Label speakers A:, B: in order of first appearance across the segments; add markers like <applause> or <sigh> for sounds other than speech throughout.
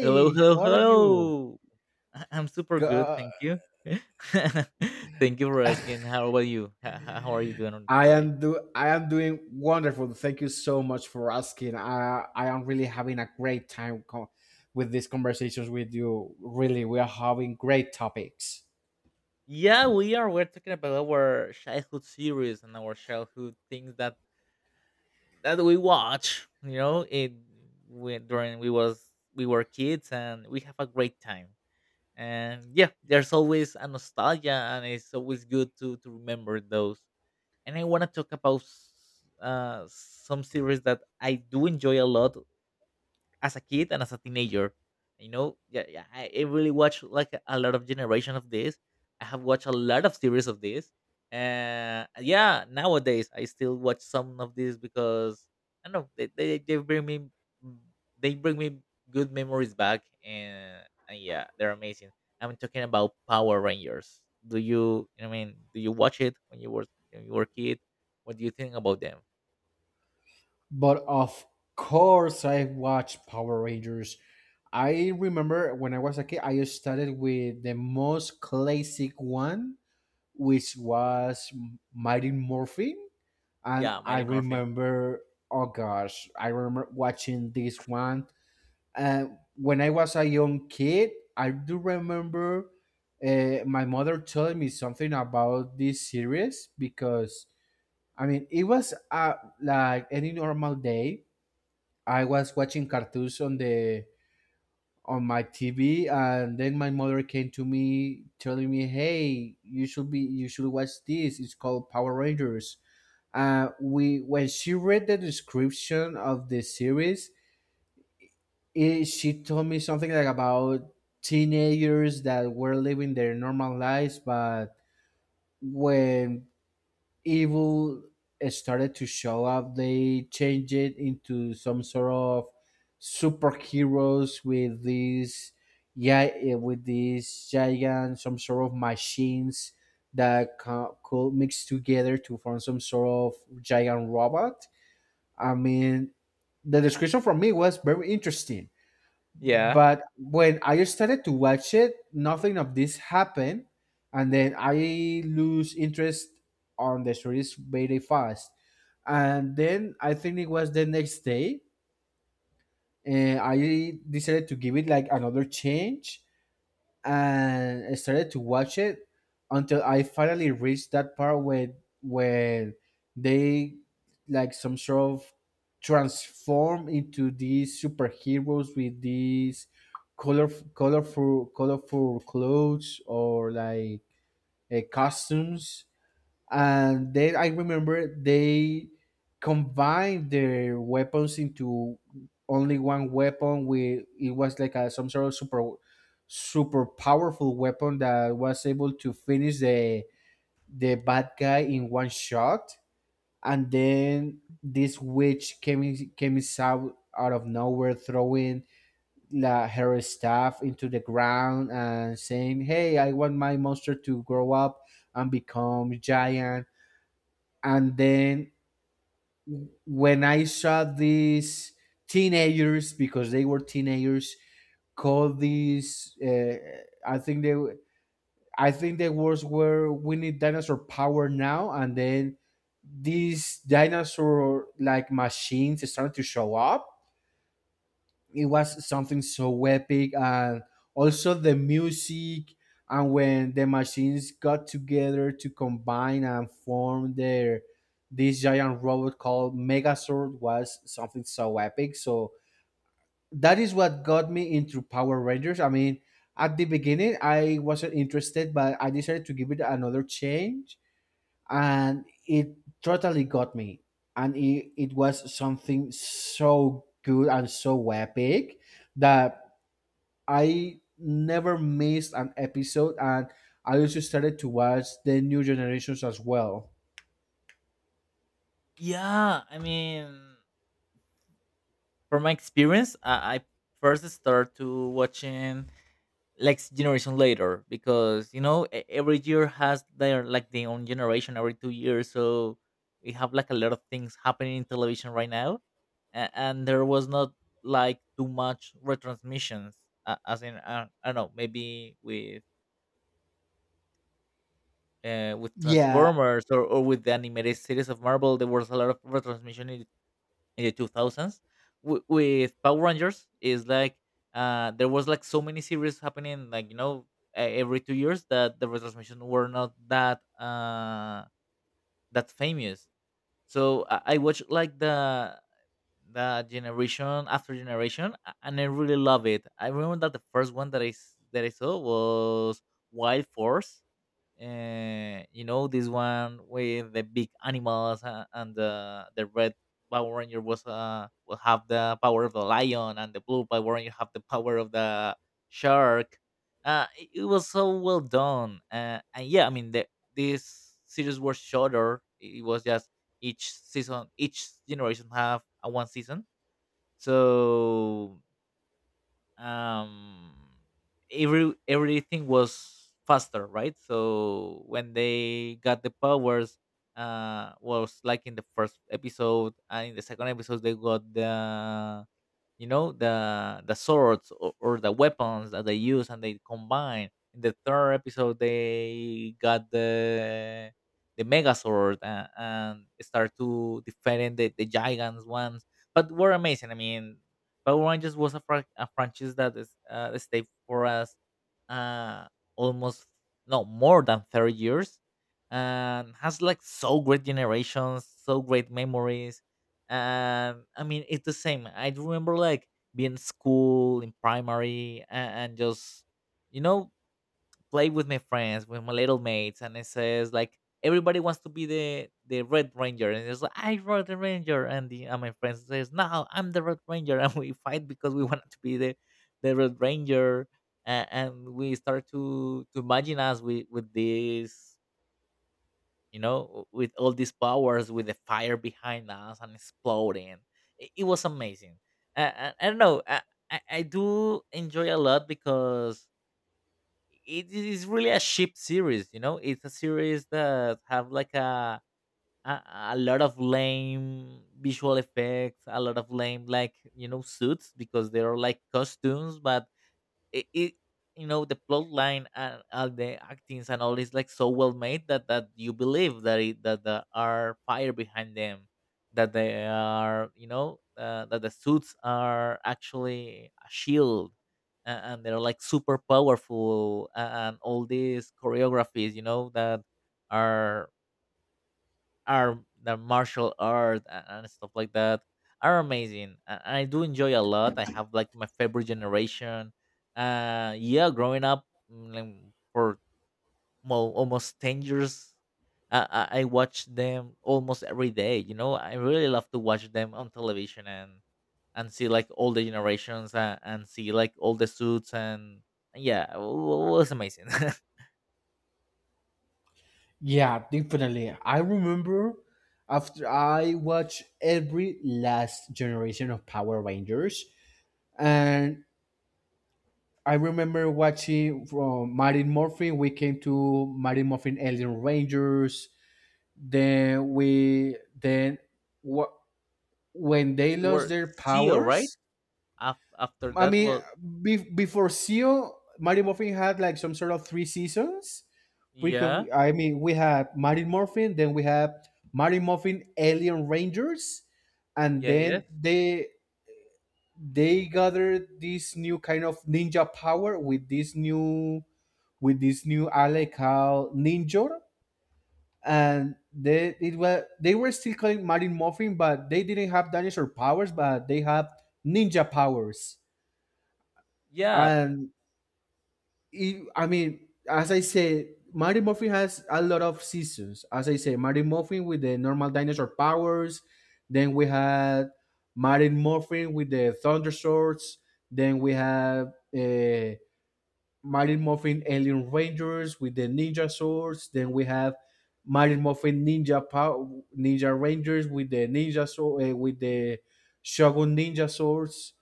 A: Hello, hello,
B: how are you?
A: hello. I'm super good,
B: Go-
A: thank you. <laughs> Thank you for asking. How about you? How are you doing on today?
B: I am doing wonderful. Thank you so much for asking. I am really having a great time with these conversations with you. Really, we are having great topics.
A: Yeah, we are. We're talking about our childhood series and our childhood things that we watch. You know, it we, during we was we were kids and we have a great time. And yeah, there's always a nostalgia, and it's always good to remember those. And I want to talk about some series that I do enjoy a lot, as a kid and as a teenager. You know, yeah, yeah, I really watched like a lot of generation of this. I have watched a lot of series of this. Yeah, nowadays I still watch some of these because I don't know they bring me mm, they bring me good memories back, and yeah, they're amazing. I'm talking about Power Rangers. Do you watch it when you were a kid? What do you think about them?
B: But of course, I watched Power Rangers. I remember when I was a kid, I started with the most classic one, which was Mighty Morphin. And
A: Yeah,
B: I
A: Mighty Morphin.
B: remember, oh gosh, I remember watching this one. And when I was a young kid, I do remember my mother telling me something about this series because, I mean, it was like any normal day. I was watching cartoons on the on my TV, and then my mother came to me telling me, "Hey, you should watch this. It's called Power Rangers." We when she read the description of the series, she told me something like about teenagers that were living their normal lives, but when evil started to show up, they changed it into some sort of superheroes with these yeah with these giant some sort of machines that could mix together to form some sort of giant robot. I mean, the description for me was very interesting,
A: Yeah.
B: but when I started to watch it, nothing of this happened, and then I lose interest on the series very fast. And then I think it was the next day, and I decided to give it like another change, and I started to watch it until I finally reached that part where where they like some sort of transform into these superheroes with these color colorful clothes or like costumes, and then I remember they combined their weapons into only one weapon. We It was like a some sort of super powerful weapon that was able to finish the bad guy in one shot. And then this witch came in- came is out out of nowhere, throwing her staff into the ground and saying, "Hey, I want my monster to grow up and become giant." And then when I saw these teenagers, because they were teenagers, called these I think the words were, we need dinosaur power now, and then these dinosaur like machines started to show up. It was something so epic, and also the music, and when the machines got together to combine and form their this giant robot called Megazord was something so epic. So that is what got me into Power Rangers. I mean, at the beginning I wasn't interested, but I decided to give it another change, and it totally got me, and it was something so good and so epic that I never missed an episode, and I also started to watch the new generations as well.
A: Yeah, I mean, from my experience, I first start to watching like generation later because you know every year has their like their own generation every 2 years, so we have like a lot of things happening in television right now, and there was not like too much retransmissions as in I don't know maybe with
B: yeah
A: Transformers or with the animated series of Marvel, there was a lot of retransmission in the 2000s. With Power Rangers is like there was like so many series happening like you know every 2 years that the retransmission were not that that famous. So I watched like the generation after generation, and I really love it. I remember that the first one that I saw was Wild Force. You know, this one with the big animals, and the red Power Ranger was will have the power of the lion, and the blue Power Ranger have the power of the shark. It was so well done. And yeah, I mean, the this series was shorter. It was just each season, each generation have a one season. So um every everything was faster, right? So when they got the powers, was like in the first episode, and in the second episode they got the you know the swords, or the weapons that they use and they combine. In the third episode they got the megazord, and start to defend the giants ones. But were amazing. I mean, Power Rangers was a, a franchise that is stayed for us uh almost no more than 30 years, and has like so great generations, so great memories. I mean, it's the same. I do remember like being in school in primary, and just you know play with my friends, with my little mates, and it says like everybody wants to be the Red Ranger, and it's like I Red the Ranger, and the and my friends says no, I'm the Red Ranger, <laughs> and we fight because we wanted to be the Red Ranger, and we start to imagine us with this you know, with all these powers, with the fire behind us and exploding. It was amazing. I don't know. I do enjoy a lot because it is really a ship series. You know, it's a series that have like a, a lot of lame visual effects, a lot of lame like you know suits because they are like costumes, but it you know the plot line and all the actings and all is like so well made that that you believe that it that there are fire behind them, that they are you know that the suits are actually a shield, and they're like super powerful. And all these choreographies you know that are are the martial art, and stuff like that are amazing. A and I do enjoy a lot. I have like my favorite generation. Yeah, growing up like, for well, almost 10 years, I, I watch them almost every day. You know, I really love to watch them on television, and see like all the generations, and see like all the suits. And yeah, it was amazing. <laughs>
B: yeah definitely, I remember after I watched every last generation of Power Rangers. And I remember watching from Martin Morphin. We came to Martin Morphin Alien Rangers. Then we then wh- When they
A: It
B: lost
A: were
B: their
A: CEO, right?
B: powers.
A: After
B: I
A: that,
B: mean,
A: well,
B: before Seal, Martin Morphin had like some sort of three seasons. Because
A: yeah,
B: I mean, we had Martin Morphin, then we had Martin Morphin Alien Rangers, and
A: yeah, yeah.
B: then they gathered this new kind of ninja power with this new ally called Ninjor, and they it was they were still calling Martin Morphin, but they didn't have dinosaur powers, but they have ninja powers.
A: Yeah,
B: And I mean, as I say, Martin Morphin has a lot of seasons. As I say, Martin Morphin with the normal dinosaur powers, then we had Martin Morphin with the thunder swords, then we have. Mighty Morphin Alien Rangers with the ninja swords. Then we have Mighty Morphin Ninja Power, Ninja Rangers with the ninja sword, with the Shogun Ninja swords.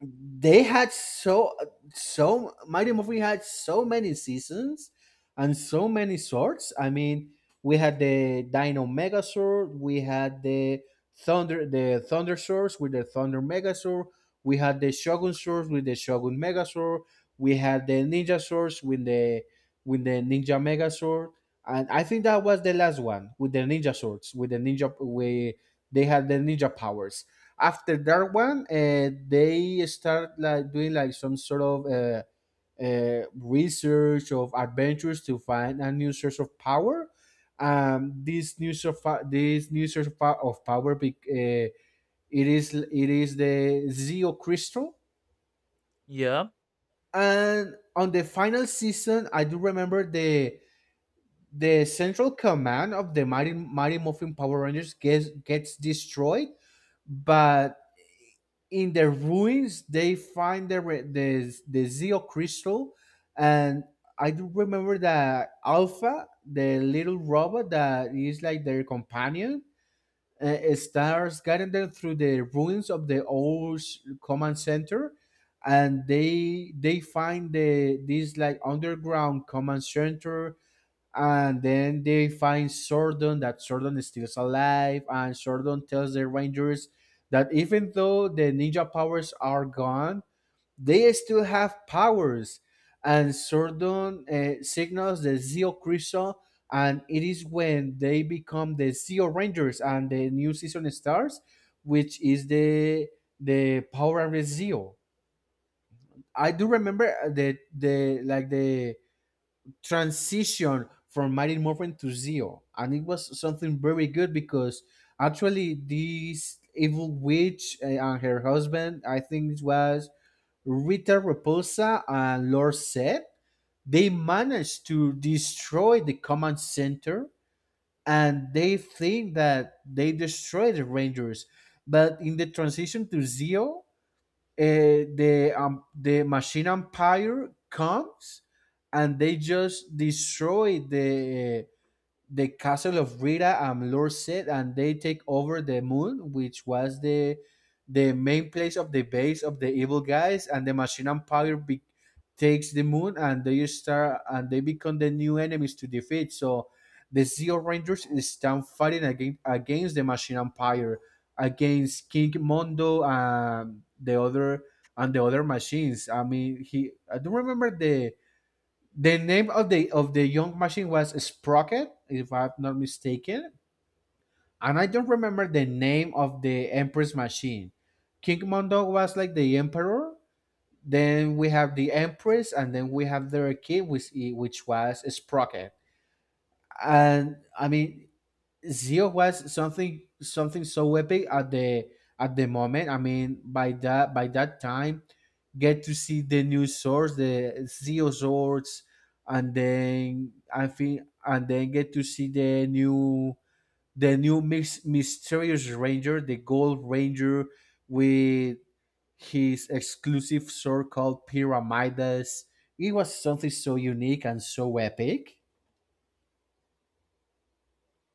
B: They had so So Mighty Movie had so many seasons and so many sorts. I mean, we had the Dino Megazord, we had the Thunder Source with the Thunder Megazord, we had the Shogun Source with the Shogun Megazord, we had the Ninja Source with the Ninja Megazord, and I think that was the last one with the Ninja Swords with the Ninja We they had the ninja powers. After that one, they start like doing like some sort of research of adventures to find a new source of power. Um, this new source of power, it is the Zeo crystal.
A: yeah,
B: And on the final season, I do remember the central command of the Mighty Morphin Power Rangers gets destroyed, but in the ruins they find the Zeo crystal. And I do remember that Alpha, the little robot that is like their companion, starts guiding them through the ruins of the old command center, and they find the this like underground command center, and then they find Sordon. That Sordon is still alive, and Sordon tells the Rangers that even though the ninja powers are gone, they still have powers. And Sordon signals the Zeo Crystal, and it is when they become the Zeo Rangers and the new season starts, which is the Power Rangers Zeo. I do remember the like the transition from Mighty Morphin to Zeo, and it was something very good because actually this evil witch and her husband, I think it was Rita Repulsa and Lord Set, they managed to destroy the command center, and they think that they destroyed the Rangers. But in the transition to Zeo, the Machine Empire comes and they just destroy the castle of Rita and Lord Sid, and they take over the moon, which was the main place of the base of the evil guys, and the Machine Empire takes the moon, and they start and they become the new enemies to defeat. So the Zeo Rangers stand fighting against the Machine Empire, against King Mondo and the other machines. I mean, he I don't remember the name of the young machine, was Sprocket, if I'm not mistaken. And I don't remember the name of the Empress machine. King Mondo was like the Emperor. Then we have the Empress, and then we have their king, which was Sprocket. And I mean, Zio was something so epic at the moment. I mean, by that time, get to see the new swords, the Zio swords, and then get to see the new mysterious ranger, the gold ranger with his exclusive sword called Pyramidas. It was something so unique and so epic.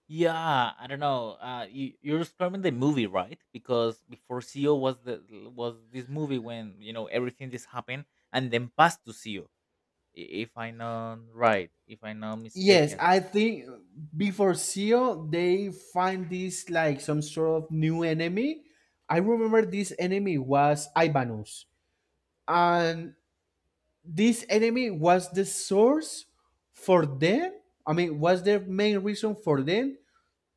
A: yeah. I don't know. You're describing the movie, right? Because before CEO was the was this movie when you know everything this happened, and then passed to CEO, if I'm not right, if I'm not
B: Yes,
A: mistaken.
B: I think before Seal, they find this like some sort of new enemy. I remember this enemy was Ivanus, and this enemy was the source for them. I mean, was the main reason for them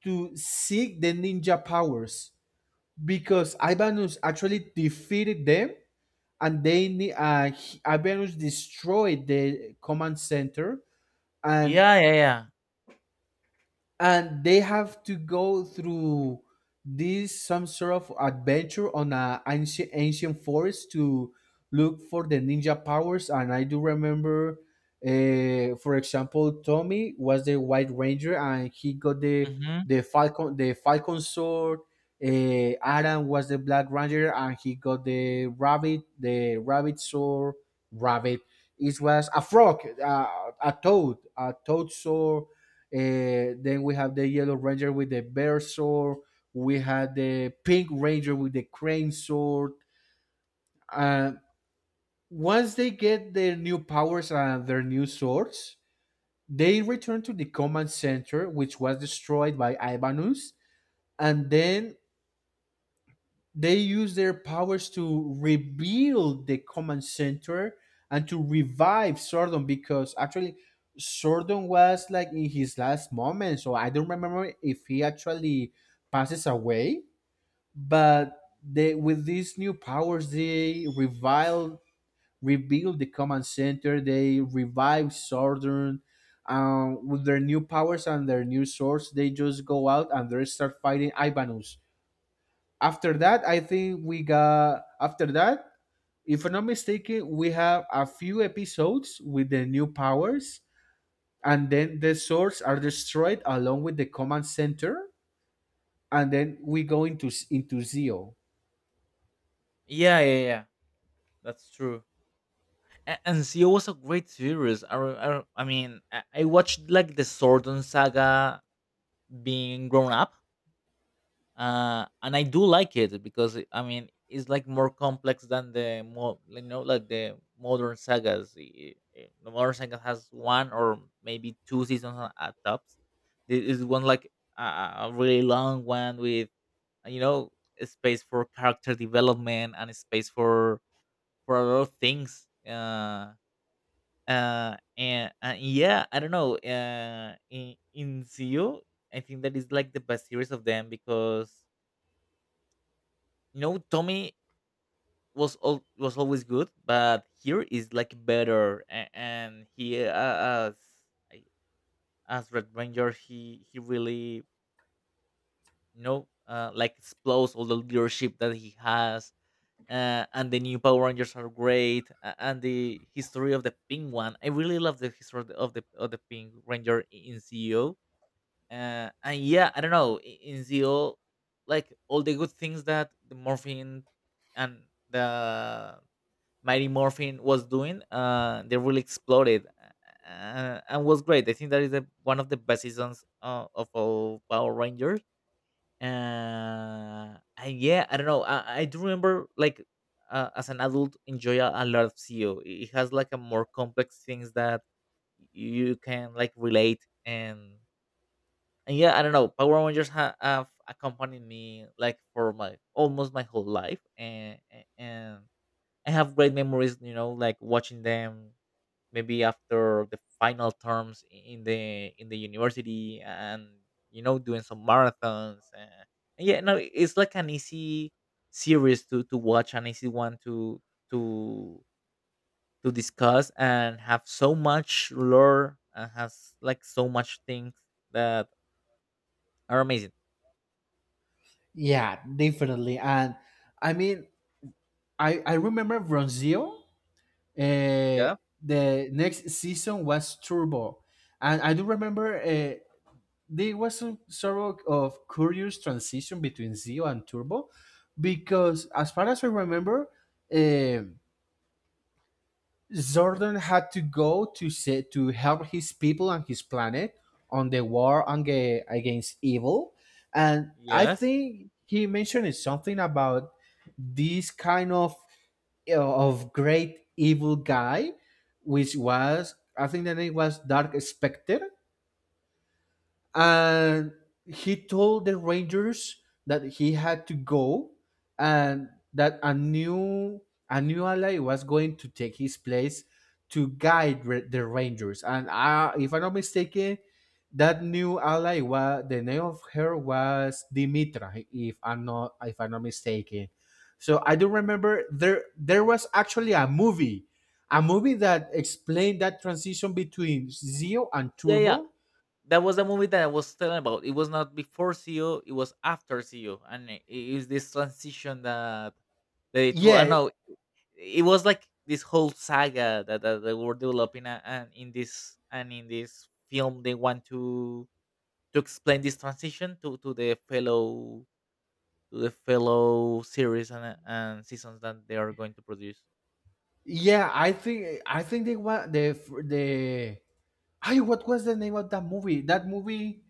B: to seek the ninja powers because Ivanus actually defeated them, and Ivanus destroyed the command center, and
A: Yeah, yeah, yeah.
B: they have to go through this some sort of adventure on a ancient forest to look for the ninja powers. And I do remember, for example, Tommy was the white ranger and he got the
A: Mm-hmm.
B: the falcon sword. Adam was the black ranger and he got the rabbit sword rabbit it was a frog, a toad sword. Then we have the yellow ranger with the bear sword. We had the pink ranger with the crane sword. Uh, Once they get their new powers and their new swords, they return to the command center, which was destroyed by Ivanus. And then they use their powers to rebuild the command center and to revive Sordon, because actually Sordon was like in his last moment. So I don't remember if he actually passes away, but they with these new powers they revive rebuild the command center, they revive Sordon. With their new powers and their new swords, they just go out and they start fighting Ivanus. After that, I think we got after that, if I'm not mistaken, we have a few episodes with the new powers, and then the swords are destroyed along with the command center, and then we go into Zeo.
A: Yeah, yeah, yeah. That's true. And CEO was a great series. I, re- I, re- I mean, I watched like the Sword and Saga being grown up. And I do like it because I mean it's like more complex than the more you know like the modern sagas. The modern saga has one or maybe two seasons, at tops. This is one like a really long one with you know space for character development, and space for a lot of things. And yeah, I don't know. In Zio, I think that is like the best series of them because you know tommy was always good, but here is like better, and he, I- as red ranger he really you know like explodes all the leadership that he has. And the new power rangers are great. And the history of the pink one, I really love the history of of the pink ranger in ceo. And yeah, I don't know, in ceo like all the good things that the morphine and the Mighty Morphin was doing, they really exploded, and was great. I think that is the, one of the best seasons of all Power Rangers. And yeah, I don't know. I do remember like as an adult enjoy a lot of CO. It has like a more complex things that you can like relate. And yeah, I don't know. Power Rangers have accompanied me like for my almost my whole life, and I have great memories, you know, like watching them maybe after the final terms in the university, and you know doing some marathons. And yeah, no, it's like an easy series to watch, an easy one to to discuss, and have so much lore, and has like so much things that are amazing.
B: Yeah, definitely. And I mean, I remember from Zeo,
A: Yeah.
B: the next season was Turbo, and I do remember. There was some sort of curious transition between Zio and Turbo because, as far as I remember, um, Zordon had to go to say, to help his people and his planet on the war against evil, and I
A: Yes.
B: think he mentioned something about this kind of great evil guy, which was I think the name was Dark Specter, and he told the rangers that he had to go, and that a new ally was going to take his place to guide the rangers. And I, if I'm not mistaken, that new ally was the name of her was Dimitra, if I'm not if I'm not mistaken. So I do remember there was actually a movie, a movie that explained that transition between Zio and
A: Yeah, yeah.
B: Turbo.
A: That was the movie that I was telling about. It was not before CEO, it was after CEO, and it is this transition that they told. I
B: Yeah
A: know it was like this whole saga that, that they were developing, and in this film, they want to explain this transition to the fellow to the fellow series and seasons that they are going to produce.
B: Yeah, I think they want the I, what was the name of that movie? That movie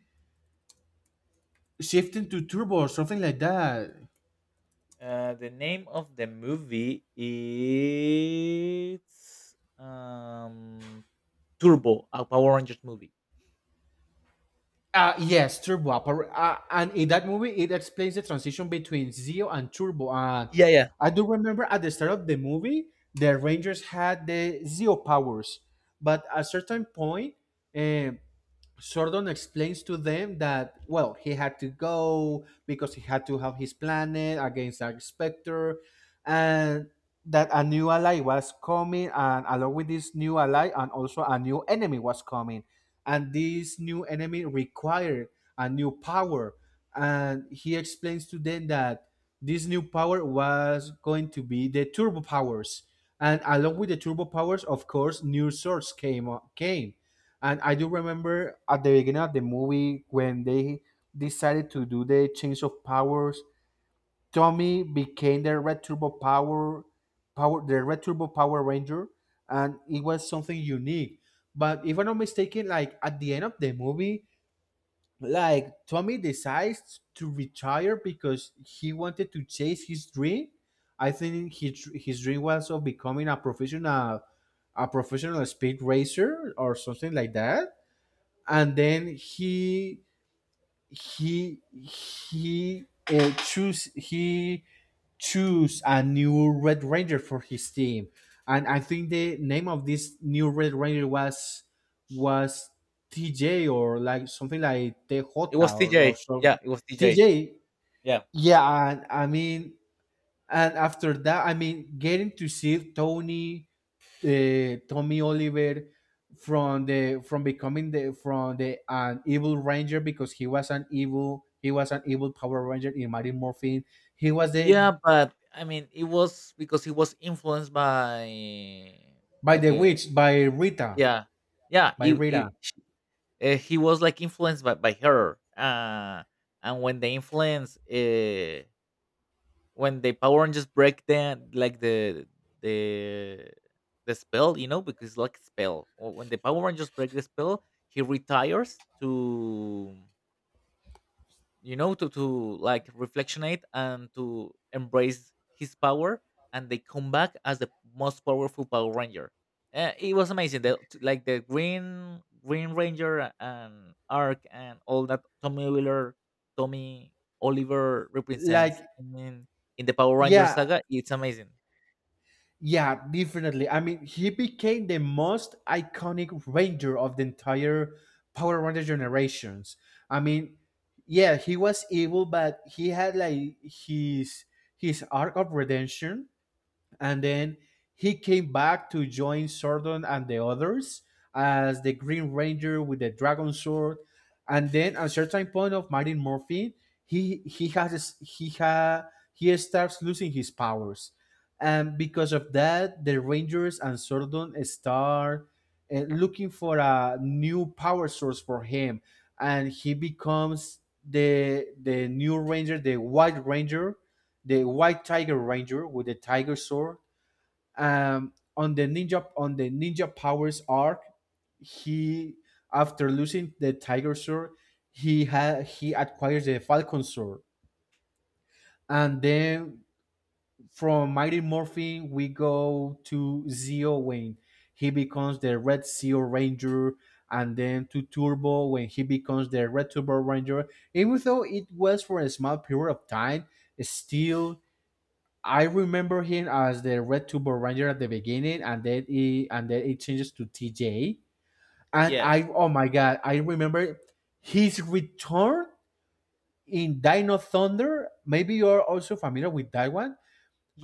B: shifting to Turbo or something like that.
A: The name of the movie is Turbo, a Power Rangers movie.
B: Yes, Turbo. And in that movie, it explains the transition between Zeo and Turbo. And
A: Yeah, yeah.
B: I do remember at the start of the movie, the Rangers had the Zeo powers, but at certain point, um, Sordon explains to them that, well, he had to go because he had to have his planet against Dark Spectre, and that a new ally was coming, and along with this new ally, and also a new enemy was coming. And this new enemy required a new power. And he explains to them that this new power was going to be the turbo powers. And along with the turbo powers, of course, new swords came. And I do remember at the beginning of the movie when they decided to do the change of powers, Tommy became the Red Turbo Power Power the Red Turbo Power Ranger, and it was something unique. But if I'm not mistaken, like at the end of the movie, like Tommy decides to retire because he wanted to chase his dream. I think his dream was of becoming a professional speed racer or something like that, and then he choose a new Red Ranger for his team, and I think the name of this new Red Ranger was TJ or like something like TJ
A: It was
B: or
A: TJ.
B: so.
A: Yeah, it was TJ.
B: TJ.
A: Yeah.
B: Yeah, and I mean, and after that, I mean, getting to see Tony Tommy Oliver from the from becoming the from the an evil ranger because he was an evil Power Ranger in Mighty Morphin. He was the
A: Yeah, but I mean, it was because he was influenced
B: by
A: by
B: the
A: the
B: witch by Rita.
A: yeah, yeah.
B: By Rita.
A: He was like influenced by her, and when the when the Power Rangers break the like the the spell, you know, because like spell. Or when the Power Rangers break the spell, he retires to you know to like reflectionate and to embrace his power, and they come back as the most powerful power ranger. It was amazing the, like the green ranger and arc, and all that tommy oliver
B: Like,
A: represents in the power ranger
B: yeah,
A: saga. It's amazing.
B: yeah, definitely. I mean, he became the most iconic ranger of the entire Power Ranger generations. I mean, yeah, he was evil, but he had like his arc of redemption, and then he came back to join Sordon and the others as the Green Ranger with the Dragon Sword. And then at a certain point of Martin Morphin, he has he ha, he starts losing his powers, and because of that, the Rangers and Sordon start looking for a new power source for him, and he becomes the new Ranger, the White Tiger Ranger with the Tiger Sword on the ninja powers arc. He after losing the tiger sword, he acquires the falcon sword, and then from Mighty Morphin we go to Zeo when he becomes the Red Zeo Ranger, and then to Turbo when he becomes the Red Turbo Ranger. Even though it was for a small period of time, still, I remember him as the Red Turbo Ranger at the beginning, and then it changes to TJ. And
A: Yes.
B: I, oh my god, I remember his return in Dino Thunder. Maybe you're also familiar with that one.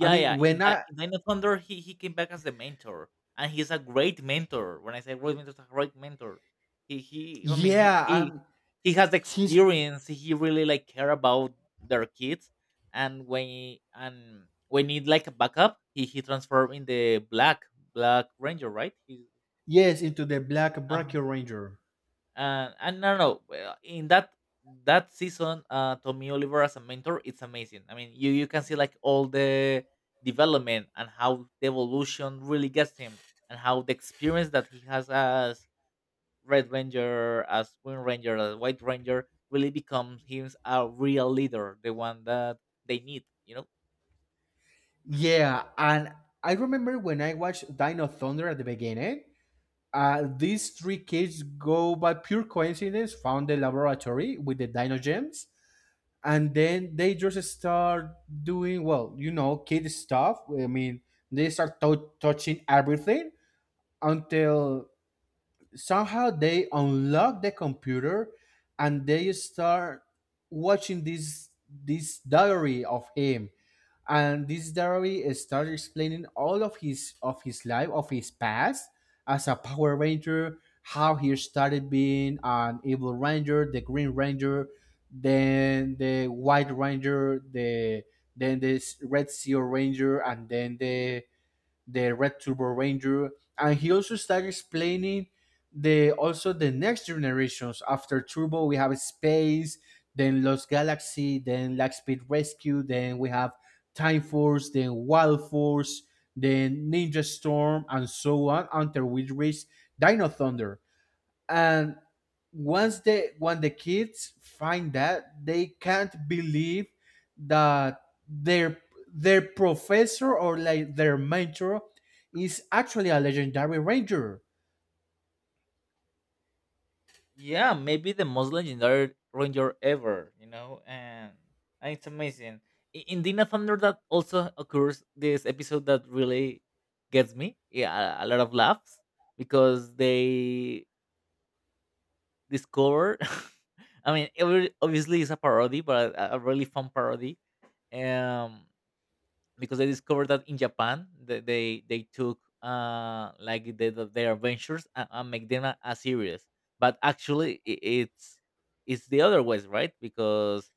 B: I mean,
A: yeah. In
B: when
A: that
B: I,
A: in Nine of Thunder, he came back as the mentor, and he's a great mentor. When I say great mentor, he's a great mentor. He he. I mean, he
B: yeah,
A: he he has the
B: he's
A: experience. He really like care about their kids, and when and when need like a backup, he transformed in the Black Ranger, right?
B: yes, into the Black
A: Uh-huh.
B: Brachio Ranger.
A: And no, no, well, in that season, Tommy Oliver as a mentor, it's amazing. I mean, you can see like all the development and how the evolution really gets him, and how the experience that he has as Red Ranger, as Green Ranger, as White Ranger, really becomes him a real leader, the one that they need. You know.
B: Yeah, and I remember when I watched Dino Thunder at the beginning. These three kids go by pure coincidence, found the laboratory with the Dino Gems, and then they just start doing, well, you know, kid stuff. I mean, they start touching everything until somehow they unlock the computer, and they start watching this diary of him, and this diary starts explaining all of his life, of his past as a power ranger, how he started being an evil ranger, the green ranger, then the white ranger, then the Red Sea ranger, and then the Red Turbo Ranger. And he also started explaining the also the next generations after Turbo. We have Space, then Lost Galaxy, then Lightspeed Rescue, then we have Time Force, then Wild Force, then Ninja Storm, and so on until we reach Dino Thunder. And once they when the kids find that, they can't believe that their their professor, or like their mentor, is actually a legendary ranger.
A: Yeah, maybe the most legendary ranger ever, you know, and it's amazing. In Dina Thunder that also occurs this episode that really gets me, yeah, a lot of laughs because they discover, <laughs> I mean every, obviously it's a parody, but a really fun parody. um because I discovered that in Japan they took like their adventures, and make them a series. But actually, I it's the other ways, right? Because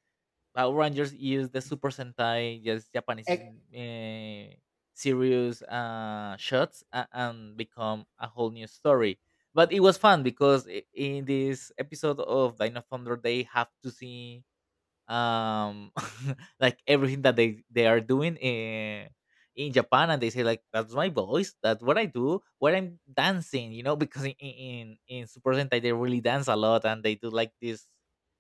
A: Power Rangers use the Super Sentai just Japanese
B: Ec-
A: uh, serious shots, and become a whole new story. But it was fun because in this episode of Dino Thunder, they have to see um <laughs> like everything that they are doing in japan, and they say like that's my voice, that's what I do, what I'm dancing, you know, because in in super sentai they really dance a lot, and they do like these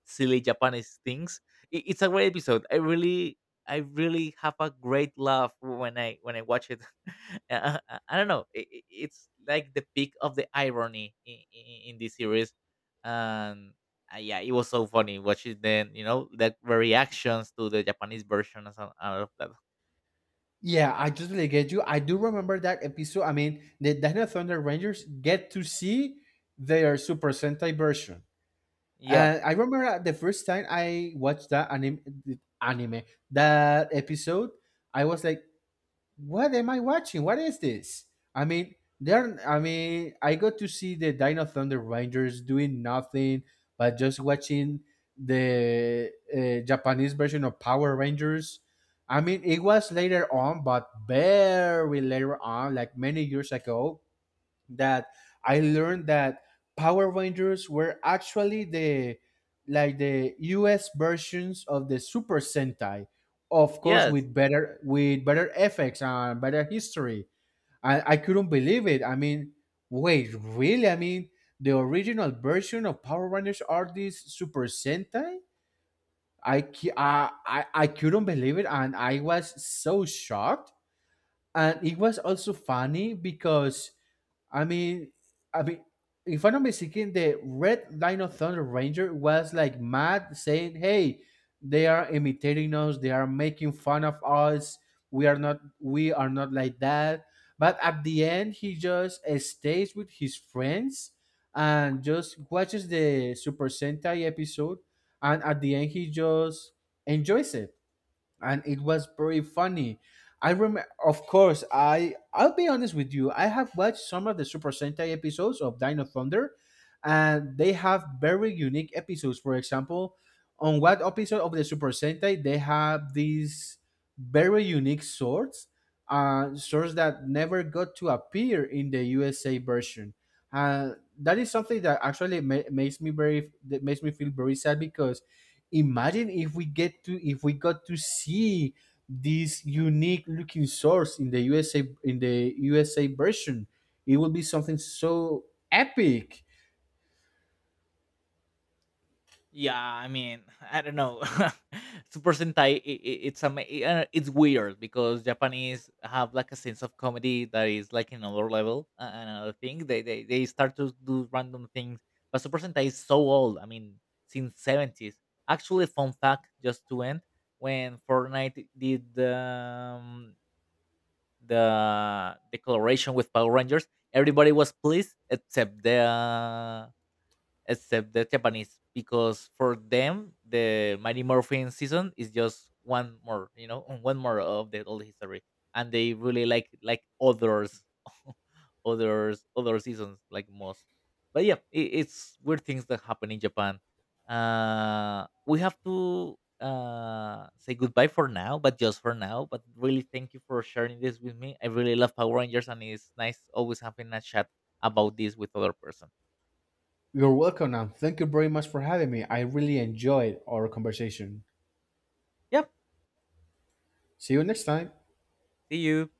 A: silly japanese things. It's a great episode. I really have a great laugh when I watch it. <laughs> I don't know, it's like the peak of the irony in, in this series. And yeah, it was so funny watching then you know the reactions to the Japanese version and and all of that.
B: yeah, I totally get you. I do remember that episode. I mean, the Dino Thunder Rangers get to see their Super Sentai version,
A: Yeah.
B: and I remember the first time I watched that anime that episode, I was like, what am I watching? What is this? I mean, there. I mean, I got to see the Dino Thunder Rangers doing nothing but just watching the Japanese version of Power Rangers. I mean, it was later on, but very later on, like many years ago, that I learned that Power Rangers were actually the, like, the US versions of the Super Sentai, of course
A: Yes.
B: with better effects and better history. I couldn't believe it. I mean, wait, really? I mean, the original version of Power Rangers are these Super Sentai? I I couldn't believe it, and I was so shocked. And it was also funny because I mean, I mean, if I'm not mistaken, the Red Dino Thunder Ranger was like mad, saying, "Hey, they are imitating us. They are making fun of us. We are not. We are not like that." But at the end, he just stays with his friends and just watches the Super Sentai episode. And at the end, he just enjoys it, and it was very funny. I remember, of course, I'll be honest with you. I have watched some of the Super Sentai episodes of Dino Thunder, and they have very unique episodes. For example, on one episode of the Super Sentai, they have these very unique swords, swords that never got to appear in the USA version. Uh, that is something that actually makes me feel very sad because imagine if we get to if we got to see this unique looking source in the USA version. It will be something so epic.
A: Yeah. I mean, I don't know. <laughs> Super Sentai. It's weird because Japanese have like a sense of comedy that is like another level, and another thing. They start to do random things. But Super Sentai is so old. I mean, since seventies. Actually, fun fact, just to end, when Fortnite did the collaboration with Power Rangers, everybody was pleased except the Japanese, because for them the Mighty Morphin season is just one more, you know, <laughs> one more of the old history, and they really like others, <laughs> others, other seasons like most. But yeah, it's weird things that happen in Japan. We have to say goodbye for now, but just for now, but really thank you for sharing this with me. I really love Power Rangers, and it's nice always having a chat about this with other person.
B: You're welcome, and thank you very much for having me. I really enjoyed our conversation.
A: Yep,
B: See you next time.
A: see you.